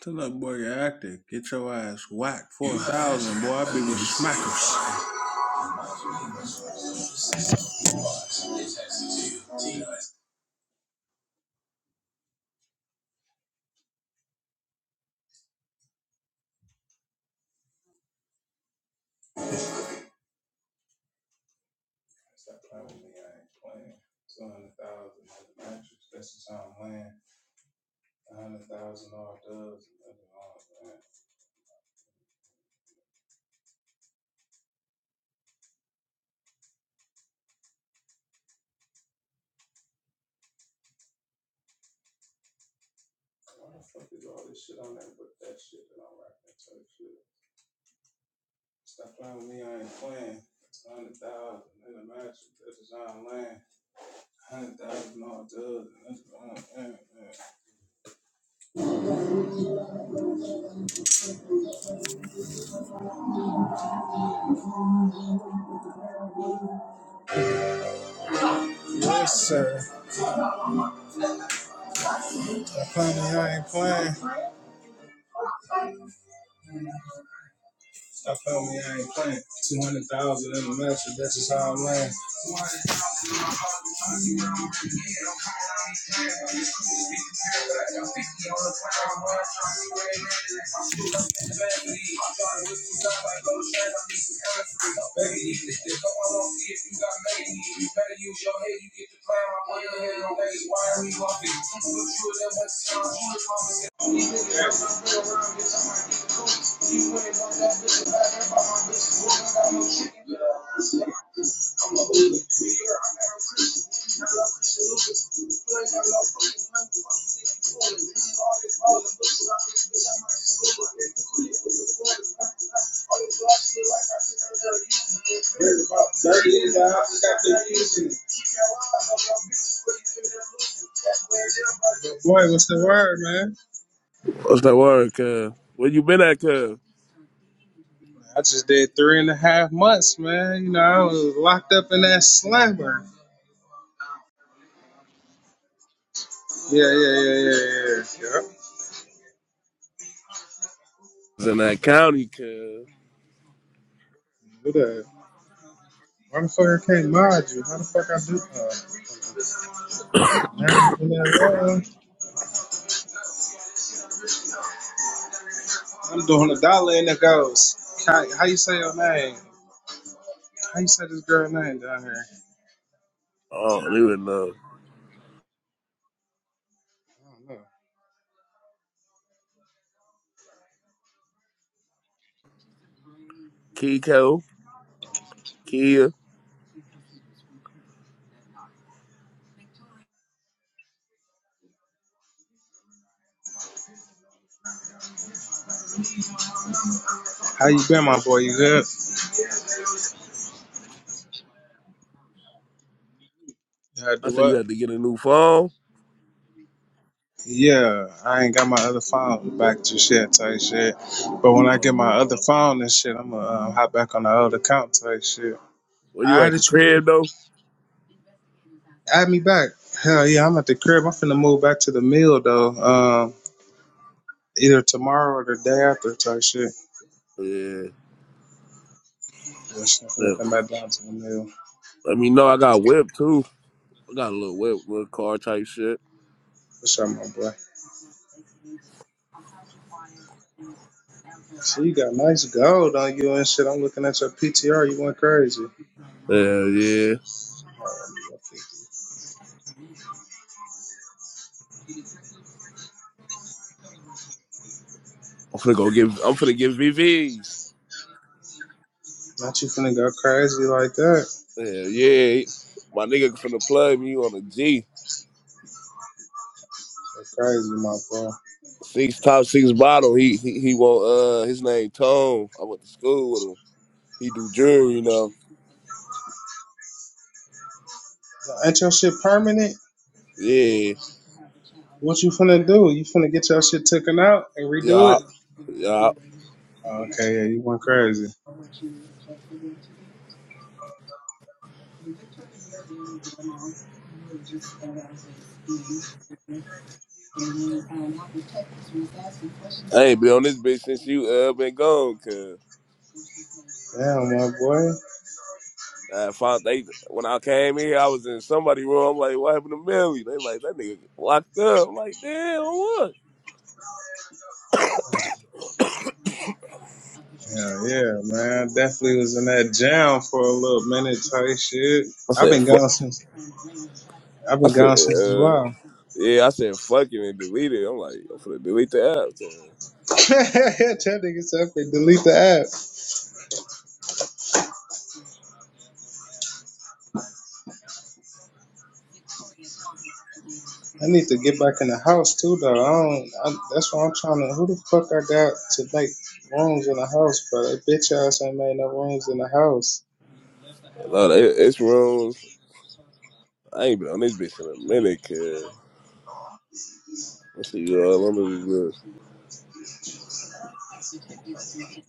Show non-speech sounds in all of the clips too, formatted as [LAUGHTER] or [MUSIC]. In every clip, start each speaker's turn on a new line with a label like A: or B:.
A: Tell that boy you're active. Get your ass whacked. [LAUGHS] 4,000, boy. I be with smackers. Yes, sir. I promise you I ain't playing. How
B: What's that word, cuz? Where you been at, cuz? It's in that county, cuz.
A: the fuck I do? Uh, never been that long. I'm doing a dollar and it goes. Kai, how you say your name? How you say this girl name down here?
B: Oh,
A: Kai.
B: they would know.
A: I don't know.
B: Kiko, Kia.
A: How you been, my boy? You good? You Had to
B: I
A: do
B: said you
A: what?
B: had to get a new phone.
A: Yeah, I ain't got my other phone back to shit type shit. But when I
B: Uh,
A: get my other phone and shit, I'ma um, hop back on the old account type shit.
B: where you
A: All right,
B: at the
A: that you. want me
B: crib though?
A: Add me back. Hell yeah, I'm at the crib. I'm finna move back to the mill though. Um, either tomorrow or the day after type shit.
B: Yeah.
A: But shit, I'm
B: yeah.
A: finna come back down to the mill.
B: Let me know. I got a whip too. I got a little whip, little car type shit.
A: What's up, my boy? See, you got nice gold on you and shit. I'm looking at your PTR. You went crazy.
B: Yeah, yeah. I'm finna go give. I'm finna give VVs.
A: Not you finna go crazy like that.
B: Yeah, yeah. My nigga finna plug me on a G.
A: Go crazy, my boy.
B: Six top six bottle. He he he won't. Uh, his name Tone. I went to school with him. He do jewelry now.
A: Ain't your shit permanent?
B: Yeah,
A: What you finna do? You finna get your shit taken out and redo
B: yeah,
A: it?
B: yeah.
A: Okay, yeah, you went crazy.
B: Hey, be on this bitch since you uh been gone, cause
A: Damn, my boy.
B: I found they when I came here, I was in somebody's room. I'm like, what happened to Millie? They like that nigga locked up. I'm like, damn, what?
A: Yeah, yeah, man. Definitely was in that jam for a little minute type shit.
B: I
A: I've
B: said,
A: been
B: fuck.
A: gone since I've
B: I
A: been
B: said,
A: gone since
B: uh,
A: July.
B: yeah, I said, fuck it and delete it. I'm like, I'm finna delete the app. Cause
A: [LAUGHS] that nigga said "F it, delete the app. I need to get back in the house too though. I don't I, that's why I'm trying to who the fuck I got to make rooms in the house, but that bitch ass ain't made no rooms in the house.
B: a lot of it- it's rooms. I ain't been on this bitch in a minute, cause I see you all on this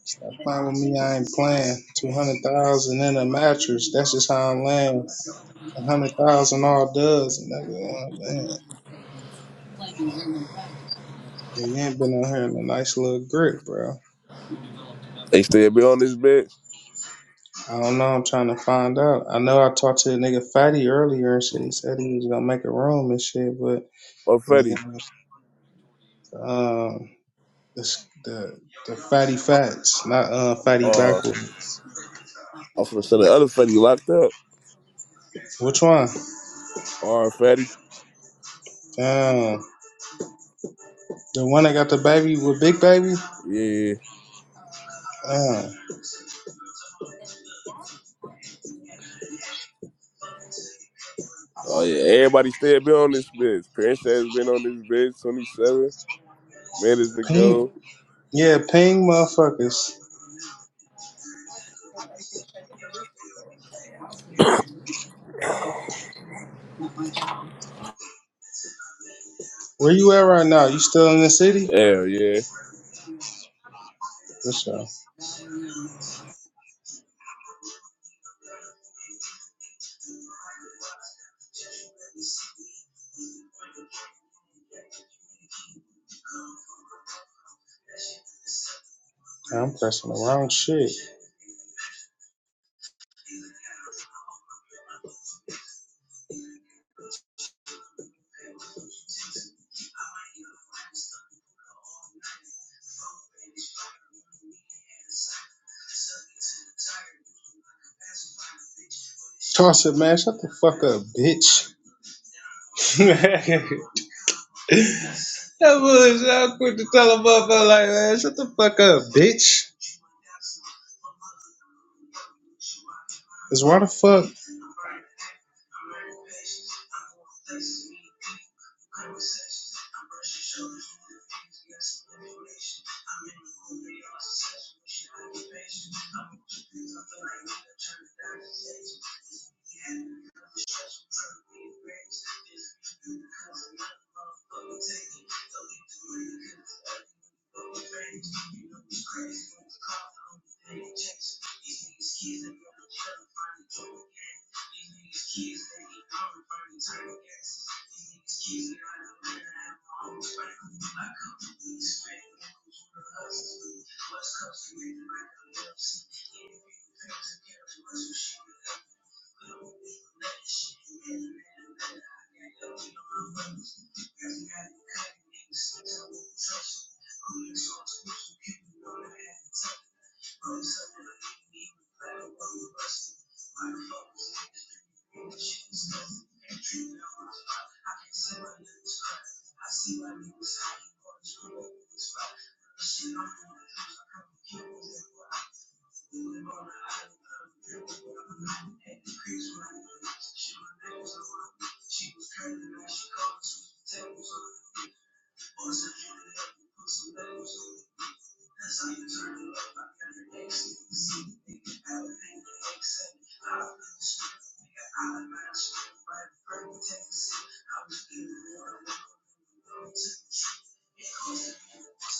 A: Stop playing with me, I ain't playing. Two hundred thousand in a mattress. That's just how I'm laying. A hundred thousand all does and that's Yeah, you ain't been on here in a nice little grip, bro.
B: bitch. They still be on this bitch.
A: I don't know. I'm trying to find out. I know I talked to the nigga Fatty earlier and shit. He said he was gonna make a room and shit, but
B: Or
A: the
B: Fetty.
A: nigga, um, this, the the Fatty Fats, not uh Fatty
B: Uh,
A: Backwards.
B: I'm finna say the other fatty locked up.
A: Which one?
B: All right, fatty.
A: Um, the one that got the baby with Big Baby.
B: Yeah.
A: Um,
B: Oh yeah. Everybody still been on this bitch. Prince has been on this bitch 27 minutes
A: Ping.
B: ago.
A: Yeah, Ping, motherfuckers. Where you at right now? You still in the city?
B: Hell yeah.
A: For sure. I'm pressing the wrong shit. Toss it, man. Shut the fuck up, bitch. [LAUGHS] that was so quick to tell a motherfucker like, man, shut the fuck up, bitch. Cause why the fuck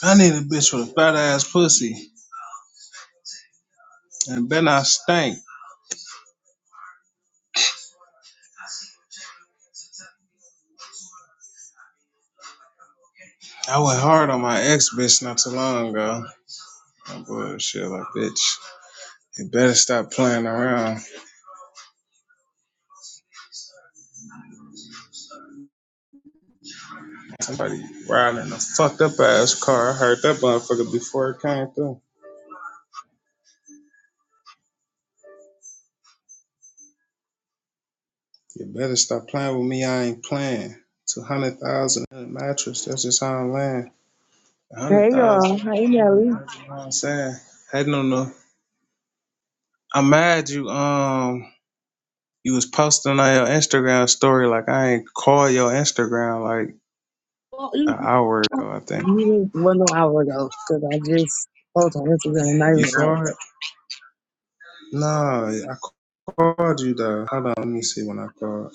A: I need a bitch with a fat ass pussy and then I stank. I went hard on my ex bitch not too long ago. My bullshit, like bitch. You better stop playing around. Somebody riding a fucked up ass car. I heard that motherfucker before it came through. You better stop playing with me. I ain't playing. Two hundred thousand mattress. That's just how I'm laying. A
C: Hey
A: hundred thousand.
C: y'all, hey
A: dollars,
C: Nelly.
A: That's what I'm saying. I don't know. I'm mad you um you was posting on your Instagram story like I ain't call your Instagram like
C: Well,
A: an
C: you
A: hour ago. I think
C: you did one no hour ago because I just posted on Instagram not
A: you
C: even an hour
A: saw it.
C: ago.
A: No, I called you though. Hold on, let me see when I called.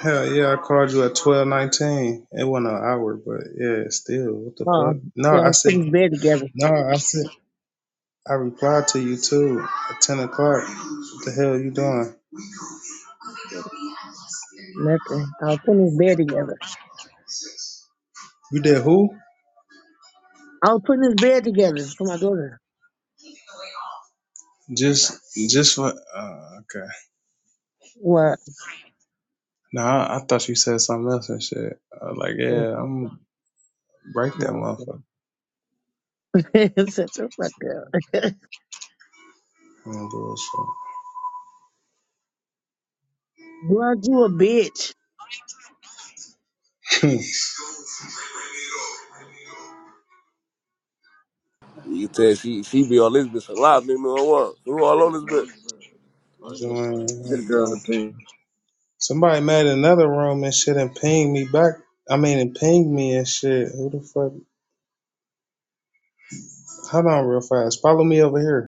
A: Hell yeah, I called you at twelve nineteen. It wasn't an hour, but yeah, still. What the fuck?
C: Um,
A: No,
C: yeah, I
A: I
C: was putting
A: said
C: this bed together.
A: no. I said I replied to you too at ten o'clock. What the hell you doing?
C: Nothing. I was putting this bed together.
A: You did who?
C: I was putting this bed together for my daughter.
A: Just, just for uh, okay.
C: What?
A: Nah, I, I thought you said something else and shit. I was like, yeah, I'm gonna break that
C: No.
A: motherfucker.
C: [LAUGHS] Shut the fuck up.
A: Mm, bullshit.
C: [LAUGHS] Girl, you a bitch.
B: You can tell she she be on this bitch a lot. Nigga know what? Who all on this bitch?
A: [LAUGHS] Join
B: Get a girl on
A: though.
B: the team.
A: Somebody made another room and shit and pinged me back. I mean, and pinged me and shit. Who the fuck? Hold on, real fast. Follow me over here.